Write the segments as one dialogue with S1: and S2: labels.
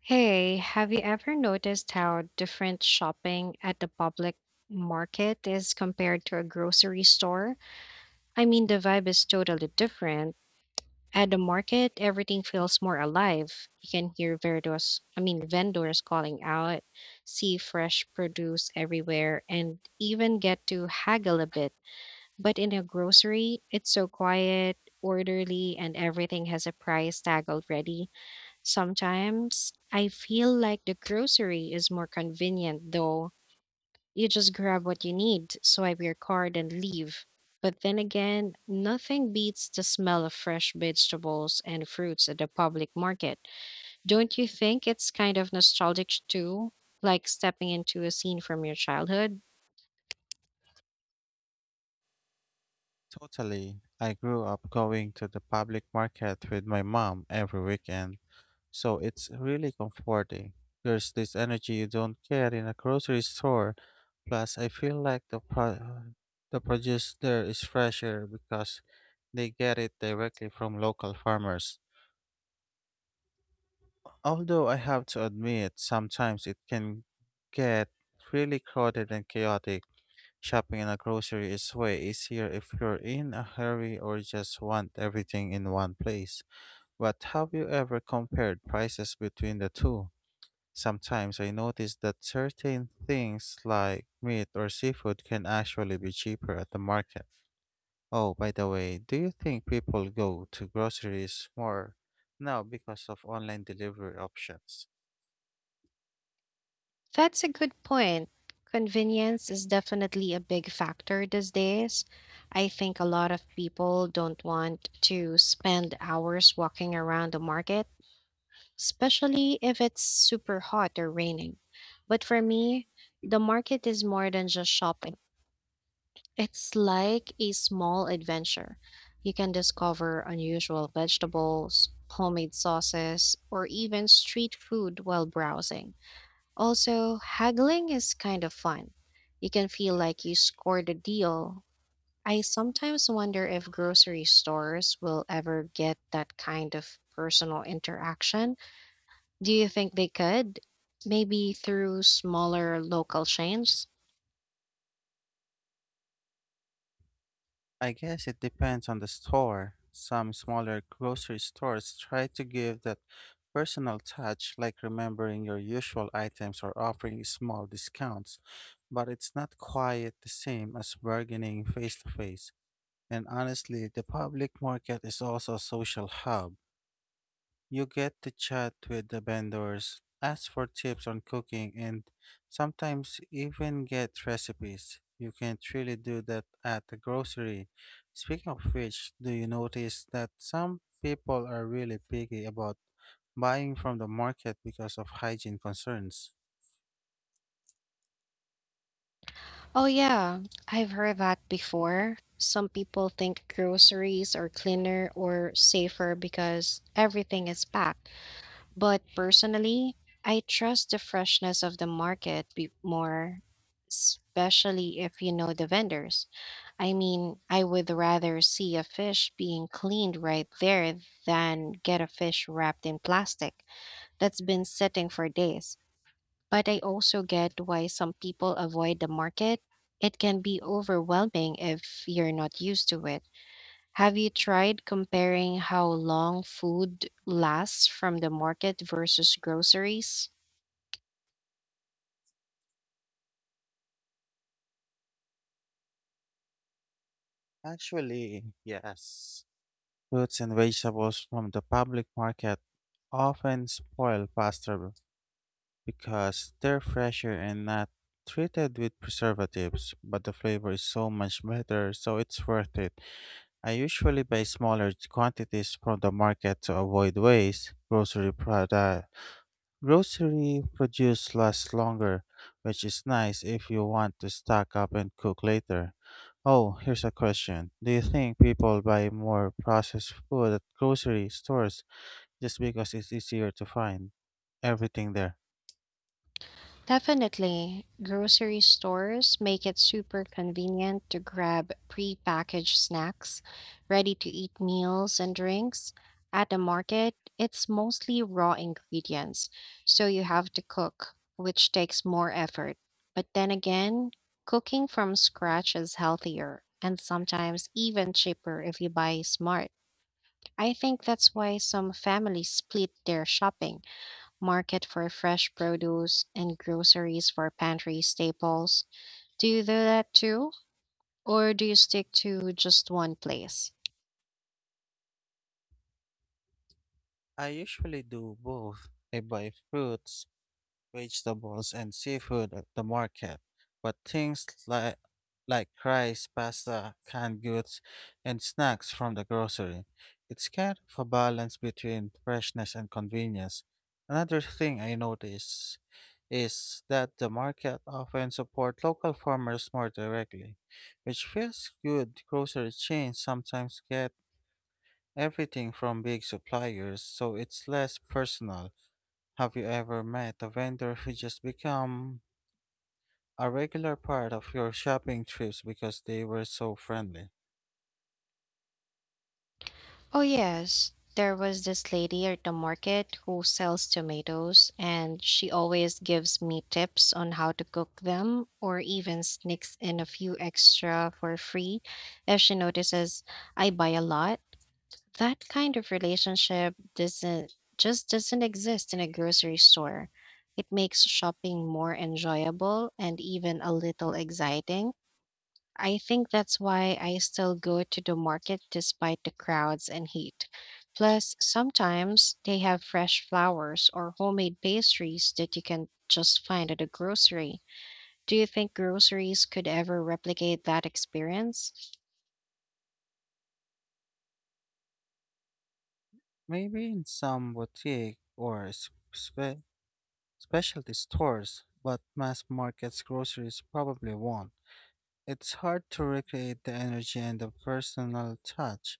S1: Hey, have you ever noticed how different shopping at the public market is compared to a grocery store? I mean, the vibe is totally different. At the market, everything feels more alive. You can hear vendors, I mean, vendors calling out, see fresh produce everywhere, and even get to haggle a bit. But in a grocery, it's so quiet, orderly, and everything has a price tag already. Sometimes I feel like the grocery is more convenient, though. You just grab what you need, swipe your card, and leave. But then again, nothing beats the smell of fresh vegetables and fruits at the public market. Don't you think it's kind of nostalgic too? Like stepping into a scene from your childhood?
S2: Totally. I grew up going to the public market with my mom every weekend, so it's really comforting. There's this energy you don't get in a grocery store. Plus, I feel like the produce there is fresher because they get it directly from local farmers. Although I have to admit, sometimes it can get really crowded and chaotic. Shopping in a grocery is way easier if you're in a hurry or just want everything in one place. But have you ever compared prices between the two? Sometimes I notice that certain things like meat or seafood can actually be cheaper at the market. Oh, by the way, do you think people go to groceries more now because of online delivery options?
S1: That's a good point. Convenience is definitely a big factor these days. I think a lot of people don't want to spend hours walking around the market, especially if it's super hot or raining. But for me, the market is more than just shopping. It's like a small adventure. You can discover unusual vegetables, homemade sauces, or even street food while browsing. Also, haggling is kind of fun. You can feel like you scored a deal. I sometimes wonder if grocery stores will ever get that kind of personal interaction. Do you think they could? Maybe through smaller local chains?
S2: I guess it depends on the store. Some smaller grocery stores try to give that personal touch, like remembering your usual items or offering small discounts, but it's not quite the same as bargaining face to face. And honestly, the public market is also a social hub. You get to chat with the vendors, ask for tips on cooking, and sometimes even get recipes. You can't really do that at the grocery. Speaking of which, do you notice that some people are really picky about buying from the market because of hygiene concerns?
S1: Oh, yeah, I've heard that before. Some people think groceries are cleaner or safer because everything is packed. But personally, I trust the freshness of the market more, especially if you know the vendors. I mean, I would rather see a fish being cleaned right there than get a fish wrapped in plastic that's been sitting for days. But I also get why some people avoid the market. It can be overwhelming if you're not used to it. Have you tried comparing how long food lasts from the market versus groceries?
S2: Actually, yes. Fruits and vegetables from the public market often spoil faster because they're fresher and not treated with preservatives, but the flavor is so much better, so it's worth it. I usually buy smaller quantities from the market to avoid waste. Grocery produce lasts longer, which is nice if you want to stock up and cook later. Oh, here's a question. Do you think people buy more processed food at grocery stores just because it's easier to find everything there?
S1: Definitely. Grocery stores make it super convenient to grab pre-packaged snacks, ready-to-eat meals and drinks. At the market, it's mostly raw ingredients, so you have to cook, which takes more effort. But then again, cooking from scratch is healthier and sometimes even cheaper if you buy smart. I think that's why some families split their shopping, market for fresh produce and groceries for pantry staples. Do you do that too? Or do you stick to just one place?
S2: I usually do both. I buy fruits, vegetables, and seafood at the market, but things like rice, pasta, canned goods, and snacks from the grocery. It's kind of a balance between freshness and convenience. Another thing I notice is that the market often support local farmers more directly, which feels good. Grocery chains sometimes get everything from big suppliers, so it's less personal. Have you ever met a vendor who just become a regular part of your shopping trips because they were so friendly?
S1: Oh, yes. There was this lady at the market who sells tomatoes, and she always gives me tips on how to cook them or even sneaks in a few extra for free if she notices I buy a lot. That kind of relationship doesn't exist in a grocery store. It makes shopping more enjoyable and even a little exciting. I think that's why I still go to the market despite the crowds and heat. Plus, sometimes they have fresh flowers or homemade pastries that you can just find at a grocery. Do you think groceries could ever replicate that experience?
S2: Maybe in some boutique or specialty stores, but mass markets groceries probably won't. It's hard to recreate the energy and the personal touch,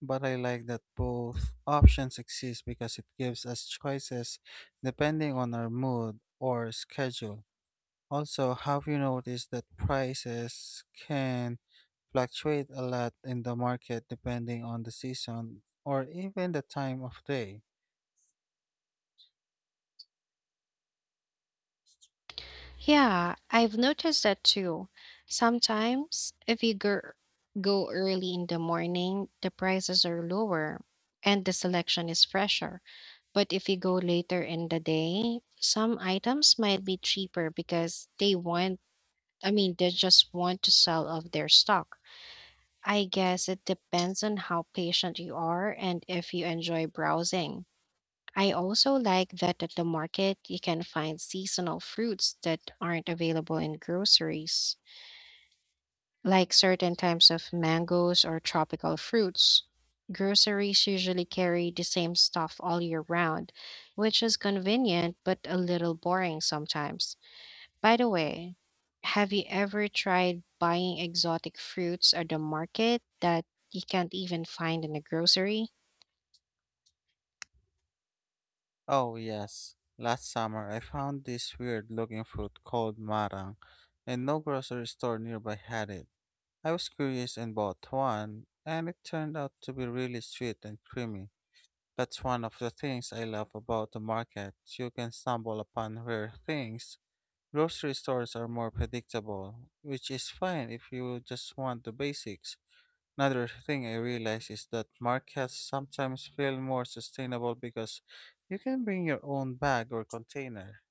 S2: but I like that both options exist because it gives us choices depending on our mood or schedule. Also, have you noticed that prices can fluctuate a lot in the market depending on the season or even the time of day?
S1: Yeah, I've noticed that too. Sometimes, if you go early in the morning, the prices are lower and the selection is fresher. But if you go later in the day, some items might be cheaper because I mean, they just want to sell off their stock. I guess it depends on how patient you are and if you enjoy browsing. I also like that at the market you can find seasonal fruits that aren't available in groceries, like certain types of mangoes or tropical fruits. Groceries usually carry the same stuff all year round, which is convenient but a little boring sometimes. By the way, have you ever tried buying exotic fruits at the market that you can't even find in a grocery?
S2: Oh, yes. Last summer, I found this weird looking fruit called marang, and no grocery store nearby had it. I was curious and bought one, and it turned out to be really sweet and creamy. That's one of the things I love about the market. You can stumble upon rare things. Grocery stores are more predictable, which is fine if you just want the basics. Another thing I realize is that markets sometimes feel more sustainable because you can bring your own bag or container.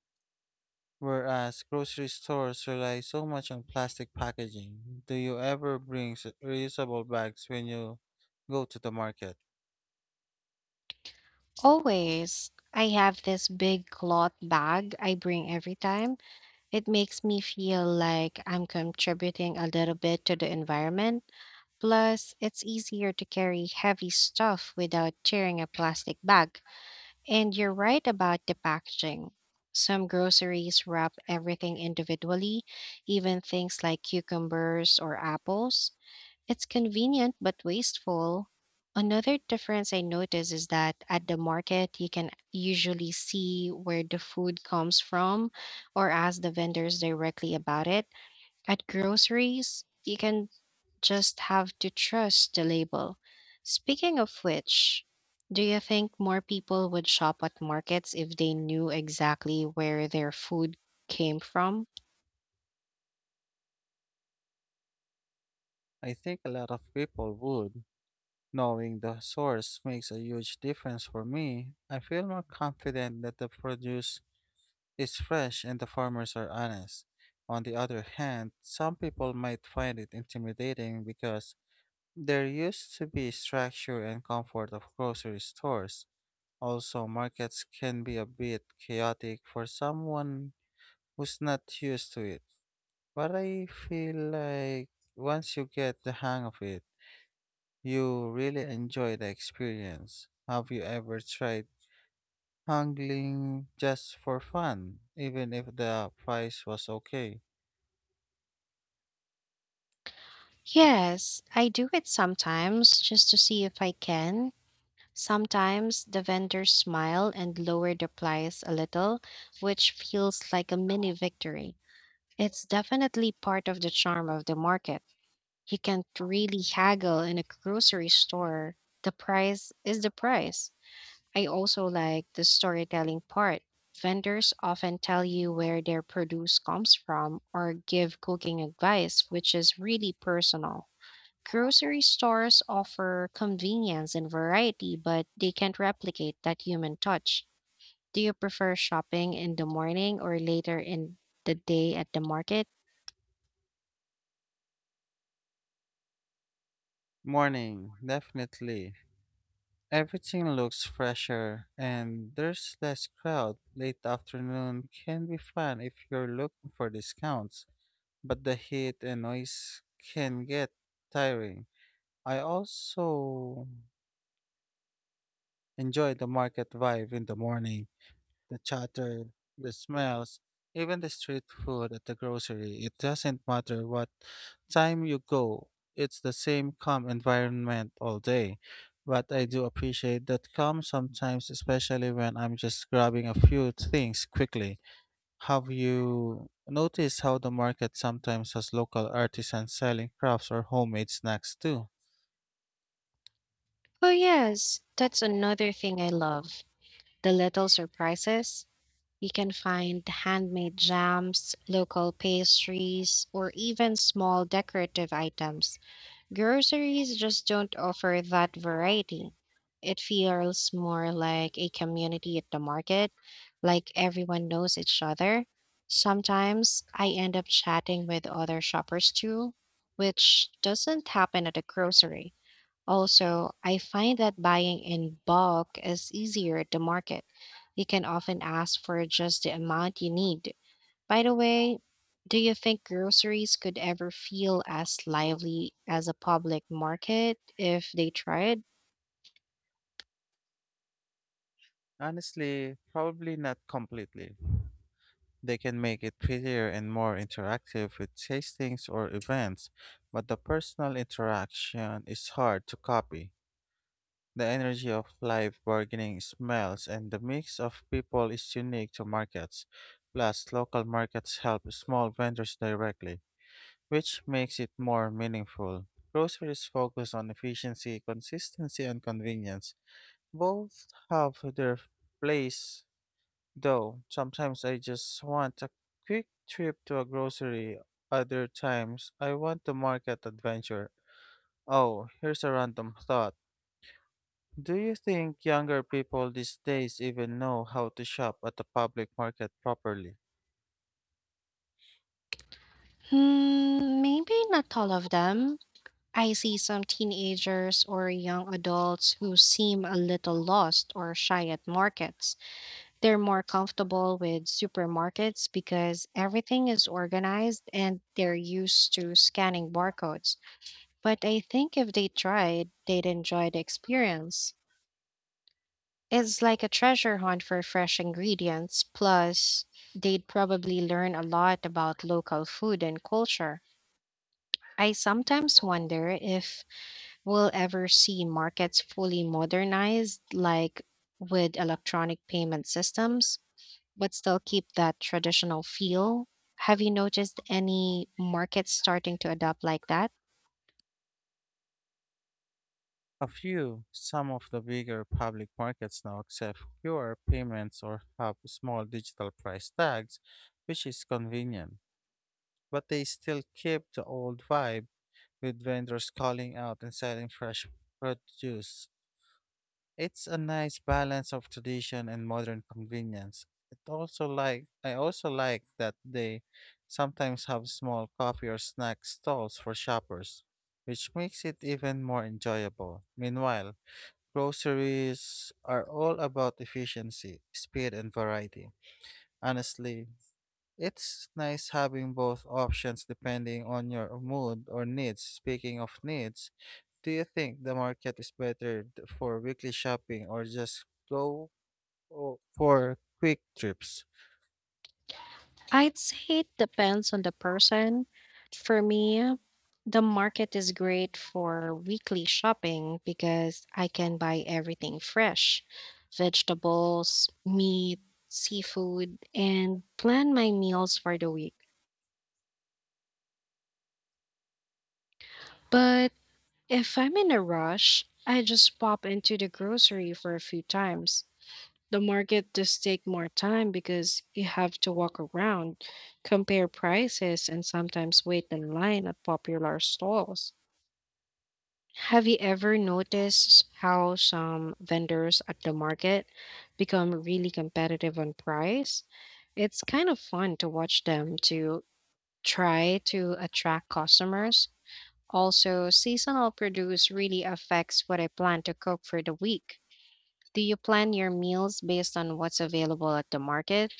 S2: Whereas grocery stores rely so much on plastic packaging, do you ever bring reusable bags when you go to the market?
S1: Always. I have this big cloth bag I bring every time. It makes me feel like I'm contributing a little bit to the environment. Plus, it's easier to carry heavy stuff without tearing a plastic bag. And you're right about the packaging. Some groceries wrap everything individually, even things like cucumbers or apples. It's convenient but wasteful. Another difference I notice is that at the market, you can usually see where the food comes from or ask the vendors directly about it. At groceries, you can just have to trust the label. Speaking of which, do you think more people would shop at markets if they knew exactly where their food came from?
S2: I think a lot of people would. Knowing the source makes a huge difference for me. I feel more confident that the produce is fresh and the farmers are honest. On the other hand, some people might find it intimidating because they're used to be structure and comfort of grocery stores. Also, markets can be a bit chaotic for someone who's not used to it. But I feel like once you get the hang of it, you really enjoy the experience. Have you ever tried angling just for fun, even if the price was okay?
S1: Yes, I do it sometimes just to see if I can. Sometimes the vendors smile and lower the price a little, which feels like a mini victory. It's definitely part of the charm of the market. You can't really haggle in a grocery store. The price is the price. I also like the storytelling part. Vendors often tell you where their produce comes from or give cooking advice, which is really personal. Grocery stores offer convenience and variety, but they can't replicate that human touch. Do you prefer shopping in the morning or later in the day at the market?
S2: Morning, definitely. Everything looks fresher and there's less crowd. Late afternoon can be fun if you're looking for discounts, but the heat and noise can get tiring. I also enjoy the market vibe in the morning, the chatter, the smells, even the street food at the grocery. It doesn't matter what time you go, it's the same calm environment all day. But I do appreciate that calm sometimes, especially when I'm just grabbing a few things quickly. Have you noticed how the market sometimes has local artisans selling crafts or homemade snacks too?
S1: Oh, yes, that's another thing I love, the little surprises. You can find handmade jams, local pastries, or even small decorative items. Groceries just don't offer that variety. It feels more like a community at the market, like everyone knows each other. Sometimes I end up chatting with other shoppers too, which doesn't happen at a grocery. Also, I find that buying in bulk is easier at the market. You can often ask for just the amount you need. By the way, do you think groceries could ever feel as lively as a public market if they tried?
S2: Honestly, probably not completely. They can make it prettier and more interactive with tastings or events, but the personal interaction is hard to copy. The energy of live bargaining smells and the mix of people is unique to markets. Plus, local markets help small vendors directly, which makes it more meaningful. Groceries focus on efficiency, consistency, and convenience. Both have their place, though. Sometimes I just want a quick trip to a grocery, other times, I want the market adventure. Oh, here's a random thought. Do you think younger people these days even know how to shop at the public market properly?
S1: Hmm, maybe not all of them. I see some teenagers or young adults who seem a little lost or shy at markets. They're more comfortable with supermarkets because everything is organized and they're used to scanning barcodes. But I think if they tried, they'd enjoy the experience. It's like a treasure hunt for fresh ingredients, plus, they'd probably learn a lot about local food and culture. I sometimes wonder if we'll ever see markets fully modernized, like with electronic payment systems, but still keep that traditional feel. Have you noticed any markets starting to adopt like that?
S2: A few, some of the bigger public markets now accept QR payments or have small digital price tags, which is convenient. But they still keep the old vibe with vendors calling out and selling fresh produce. It's a nice balance of tradition and modern convenience. It also like I also like that they sometimes have small coffee or snack stalls for shoppers, which makes it even more enjoyable. Meanwhile, groceries are all about efficiency, speed, and variety. Honestly, it's nice having both options depending on your mood or needs. Speaking of needs, do you think the market is better for weekly shopping or just for quick trips?
S1: I'd say it depends on the person. For me, the market is great for weekly shopping because I can buy everything fresh, vegetables, meat, seafood, and plan my meals for the week. But if I'm in a rush, I just pop into the grocery for a few times. The market does take more time because you have to walk around, compare prices, and sometimes wait in line at popular stalls. Have you ever noticed how some vendors at the market become really competitive on price? It's kind of fun to watch them to try to attract customers. Also, seasonal produce really affects what I plan to cook for the week. Do you plan your meals based on what's available at the market?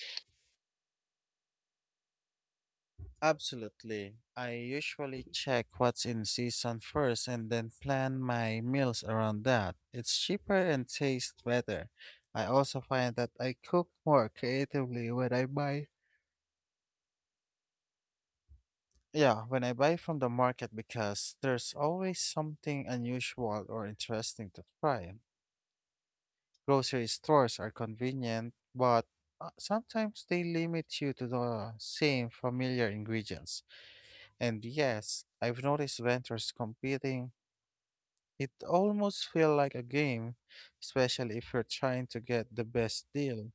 S2: Absolutely. I usually check what's in season first and then plan my meals around that. It's cheaper and tastes better. I also find that I cook more creatively when I buy. Yeah, when I buy from the market because there's always something unusual or interesting to try. Grocery stores are convenient, but sometimes they limit you to the same familiar ingredients. And yes, I've noticed vendors competing. It almost feels like a game, especially if you're trying to get the best deal.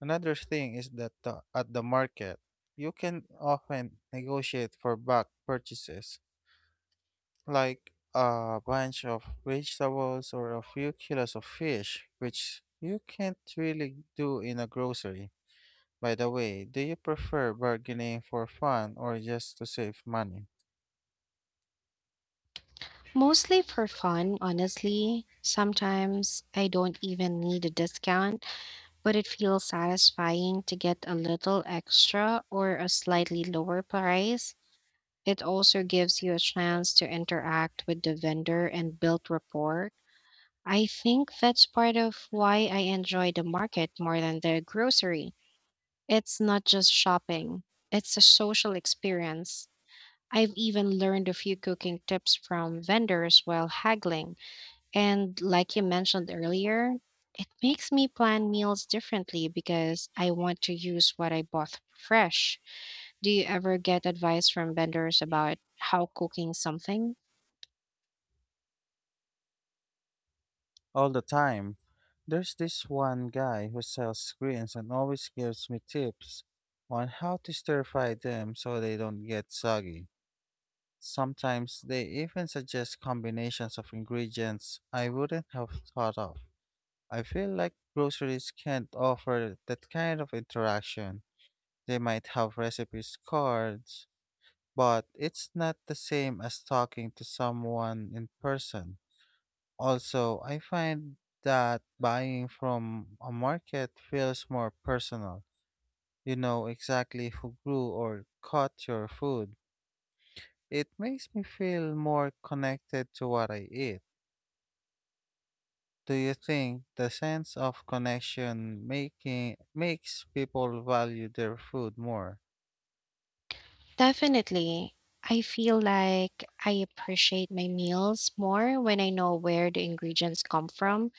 S2: Another thing is that at the market, you can often negotiate for bulk purchases, like a bunch of vegetables or a few kilos of fish, which you can't really do in a grocery. By the way, do you prefer bargaining for fun or just to save money?
S1: Mostly for fun, honestly. Sometimes I don't even need a discount, but it feels satisfying to get a little extra or a slightly lower price. It also gives you a chance to interact with the vendor and build rapport. I think that's part of why I enjoy the market more than the grocery. It's not just shopping, it's a social experience. I've even learned a few cooking tips from vendors while haggling, and like you mentioned earlier, it makes me plan meals differently because I want to use what I bought fresh. Do you ever get advice from vendors about how cooking something?
S2: All the time. There's this one guy who sells screens and always gives me tips on how to stir fry them so they don't get soggy. Sometimes they even suggest combinations of ingredients I wouldn't have thought of. I feel like groceries can't offer that kind of interaction. They might have recipes cards, but it's not the same as talking to someone in person. Also, I find that buying from a market feels more personal. You know exactly who grew or caught your food. It makes me feel more connected to what I eat. Do you think the sense of connection making makes people value their food more?
S1: Definitely. I feel like I appreciate my meals more when I know where the ingredients come from.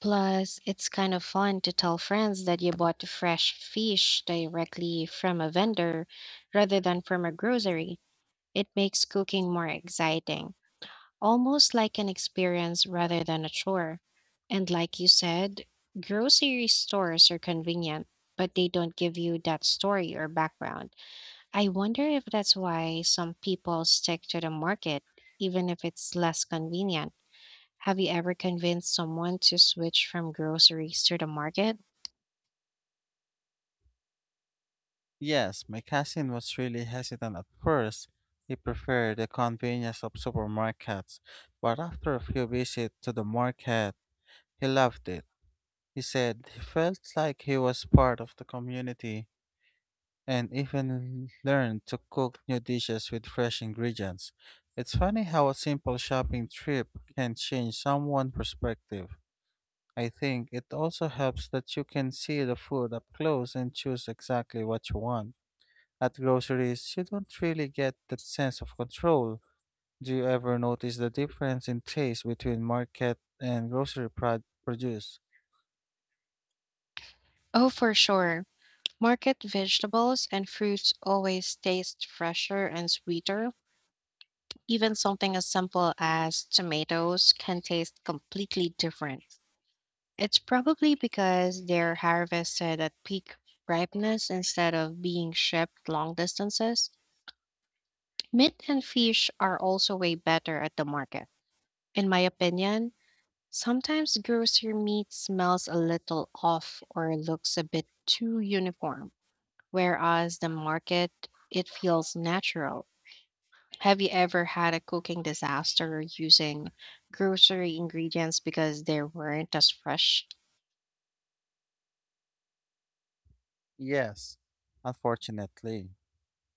S1: Plus, it's kind of fun to tell friends that you bought fresh fish directly from a vendor rather than from a grocery. It makes cooking more exciting, almost like an experience rather than a chore. And like you said, grocery stores are convenient, but they don't give you that story or background. I wonder if that's why some people stick to the market, even if it's less convenient. Have you ever convinced someone to switch from groceries to the market?
S2: Yes, my cousin was really hesitant at first. He preferred the convenience of supermarkets, but after a few visits to the market, he loved it. He said he felt like he was part of the community and even learned to cook new dishes with fresh ingredients. It's funny how a simple shopping trip can change someone's perspective. I think it also helps that you can see the food up close and choose exactly what you want. At groceries, you don't really get that sense of control. Do you ever notice the difference in taste between market and grocery produce?
S1: Oh, for sure. Market vegetables and fruits always taste fresher and sweeter. Even something as simple as tomatoes can taste completely different. It's probably because they're harvested at peak ripeness instead of being shipped long distances. Meat and fish are also way better at the market. In my opinion, sometimes grocery meat smells a little off or looks a bit too uniform, whereas the market, it feels natural. Have you ever had a cooking disaster using grocery ingredients because they weren't as fresh?
S2: Yes, unfortunately.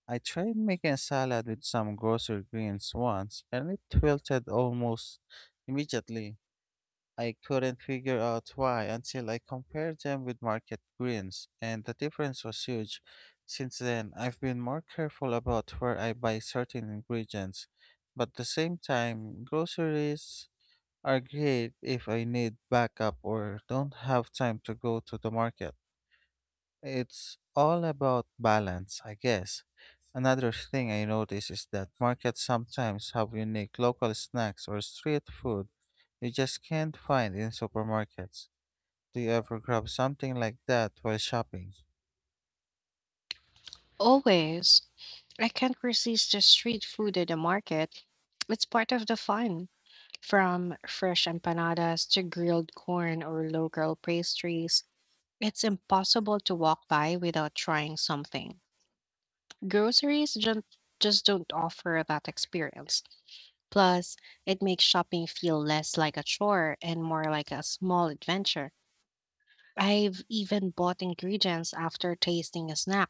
S2: I tried making a salad with some grocery greens once, and it wilted almost immediately. I couldn't figure out why until I compared them with market greens, and the difference was huge. Since then, I've been more careful about where I buy certain ingredients, but at the same time, groceries are great if I need backup or don't have time to go to the market. It's all about balance, I guess. Another thing I notice is that markets sometimes have unique local snacks or street food you just can't find in supermarkets. Do you ever grab something like that while shopping?
S1: Always. I can't resist the street food at the market. It's part of the fun. From fresh empanadas to grilled corn or local pastries, it's impossible to walk by without trying something. Groceries don't, Just don't offer that experience. Plus, it makes shopping feel less like a chore and more like a small adventure. I've even bought ingredients after tasting a snack,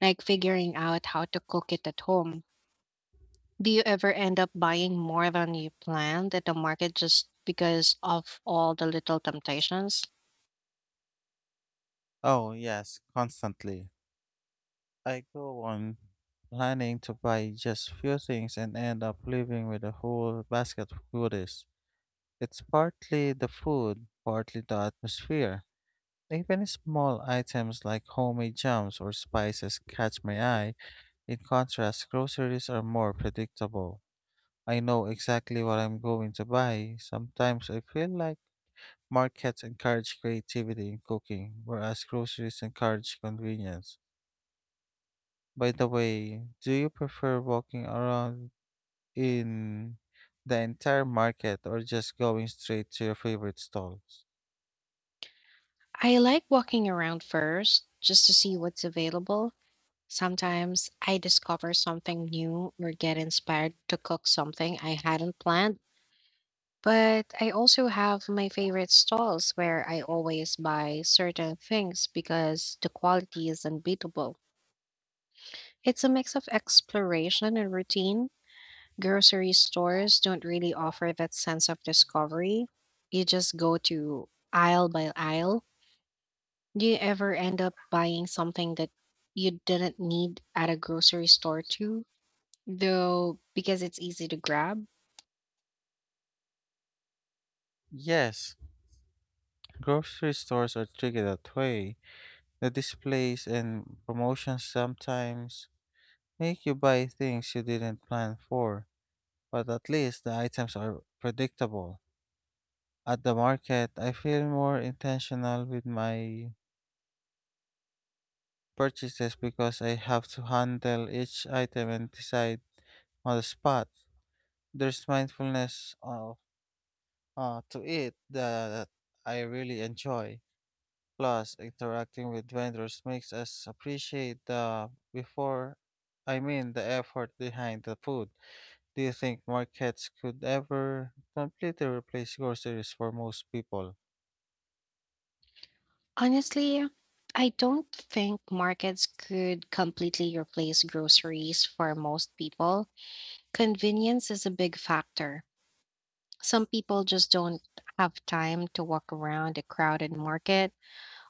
S1: like figuring out how to cook it at home. Do you ever end up buying more than you planned at the market just because of all the little temptations?
S2: Oh, yes, constantly. I go on planning to buy just few things and end up leaving with a whole basket of goodies. It's partly the food, partly the atmosphere. Even small items like homemade jams or spices catch my eye. In contrast, groceries are more predictable. I know exactly what I'm going to buy. Sometimes I feel like markets encourage creativity in cooking, whereas groceries encourage convenience. By the way, do you prefer walking around in the entire market or just going straight to your favorite stalls?
S1: I like walking around first just to see what's available. Sometimes I discover something new or get inspired to cook something I hadn't planned. But I also have my favorite stalls where I always buy certain things because the quality is unbeatable. It's a mix of exploration and routine. Grocery stores don't really offer that sense of discovery. You just go to aisle by aisle. Do you ever end up buying something that you didn't need at a grocery store too, though, because it's easy to grab?
S2: Yes, grocery stores are tricky that way. The displays and promotions sometimes make you buy things you didn't plan for, but at least the items are predictable. At the market, I feel more intentional with my purchases because I have to handle each item and decide on the spot. There's mindfulness to it that I really enjoy. Plus, interacting with vendors makes us appreciate the before I mean the effort behind the food. Do you think markets could ever completely replace groceries for most people?
S1: Honestly, I don't think markets could completely replace groceries for most people. Convenience is a big factor. Some people just don't have time to walk around a crowded market.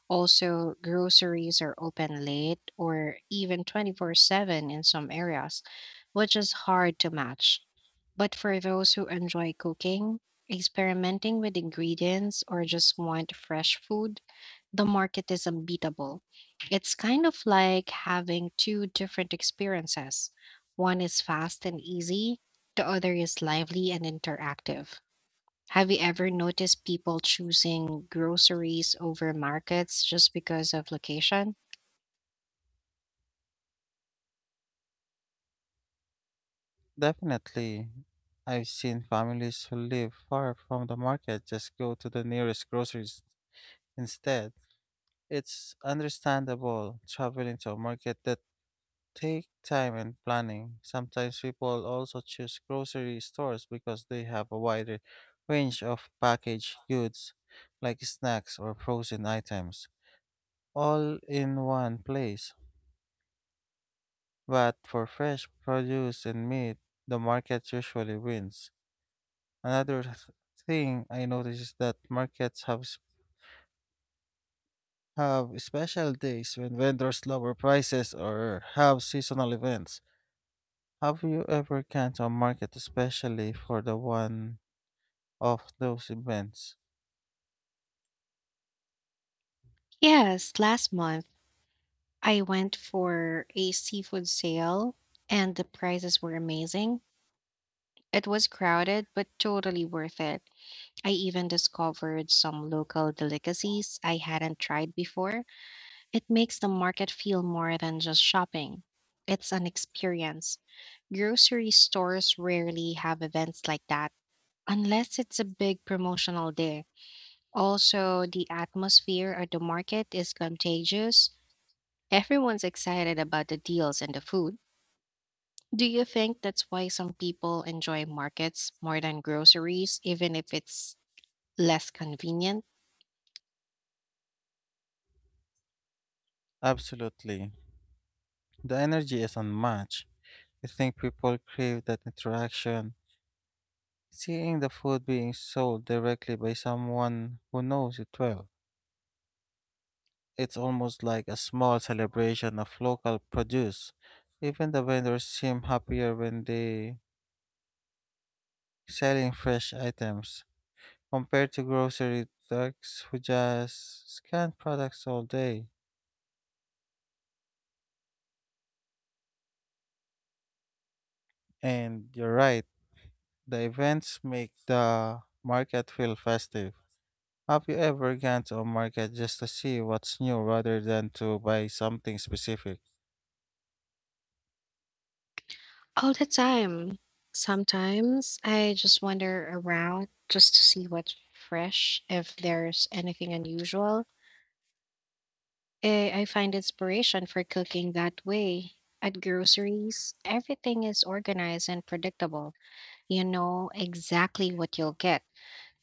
S1: Also, groceries are open late or even 24/7 in some areas, which is hard to match. But for those who enjoy cooking, experimenting with ingredients, or just want fresh food, the market is unbeatable. It's kind of like having two different experiences. One is fast and easy, the other is lively and interactive. Have you ever noticed people choosing groceries over markets just because of location?
S2: Definitely. I've seen families who live far from the market just go to the nearest groceries instead. It's understandable traveling to a market that take time and planning. Sometimes people also choose grocery stores because they have a wider range of packaged goods like snacks or frozen items all in one place. But for fresh produce and meat, the market usually wins. Another thing I notice is that markets have special days when vendors lower prices or have seasonal events. Have you ever gone to a market especially for the one of those events?
S1: Yes, last month I went for a seafood sale and the prices were amazing. It was crowded, but totally worth it. I even discovered some local delicacies I hadn't tried before. It makes the market feel more than just shopping, it's an experience. Grocery stores rarely have events like that. Unless it's a big promotional day. Also, the atmosphere at the market is contagious. Everyone's excited about the deals and the food. Do you think that's why some people enjoy markets more than groceries, even if it's less convenient?
S2: Absolutely. The energy is unmatched. I think people crave that interaction. Seeing the food being sold directly by someone who knows it well. It's almost like a small celebration of local produce. Even the vendors seem happier when they selling fresh items compared to grocery thugs who just scan products all day. And you're right, the events make the market feel festive. Have you ever gone to a market just to see what's new rather than to buy something specific?
S1: All the time. Sometimes I just wander around just to see what's fresh, if there's anything unusual. I find inspiration for cooking that way. At groceries, everything is organized and predictable. You know exactly what you'll get.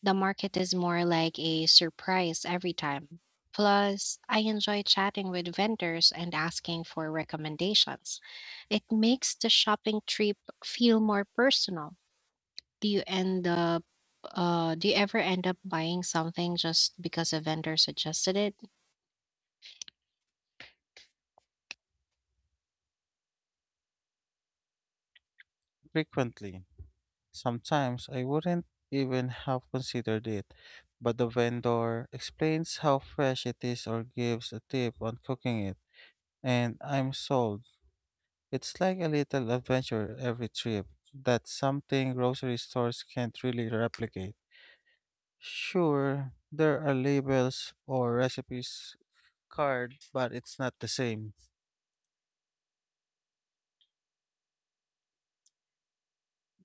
S1: The market is more like a surprise every time. Plus, I enjoy chatting with vendors and asking for recommendations. It makes the shopping trip feel more personal. Do you end up do you ever end up buying something just because a vendor suggested it?
S2: Frequently. Sometimes I wouldn't even have considered it, but the vendor explains how fresh it is or gives a tip on cooking it, and I'm sold. It's like a little adventure every trip. That's something grocery stores can't really replicate. Sure, there are labels or recipes card, but it's not the same.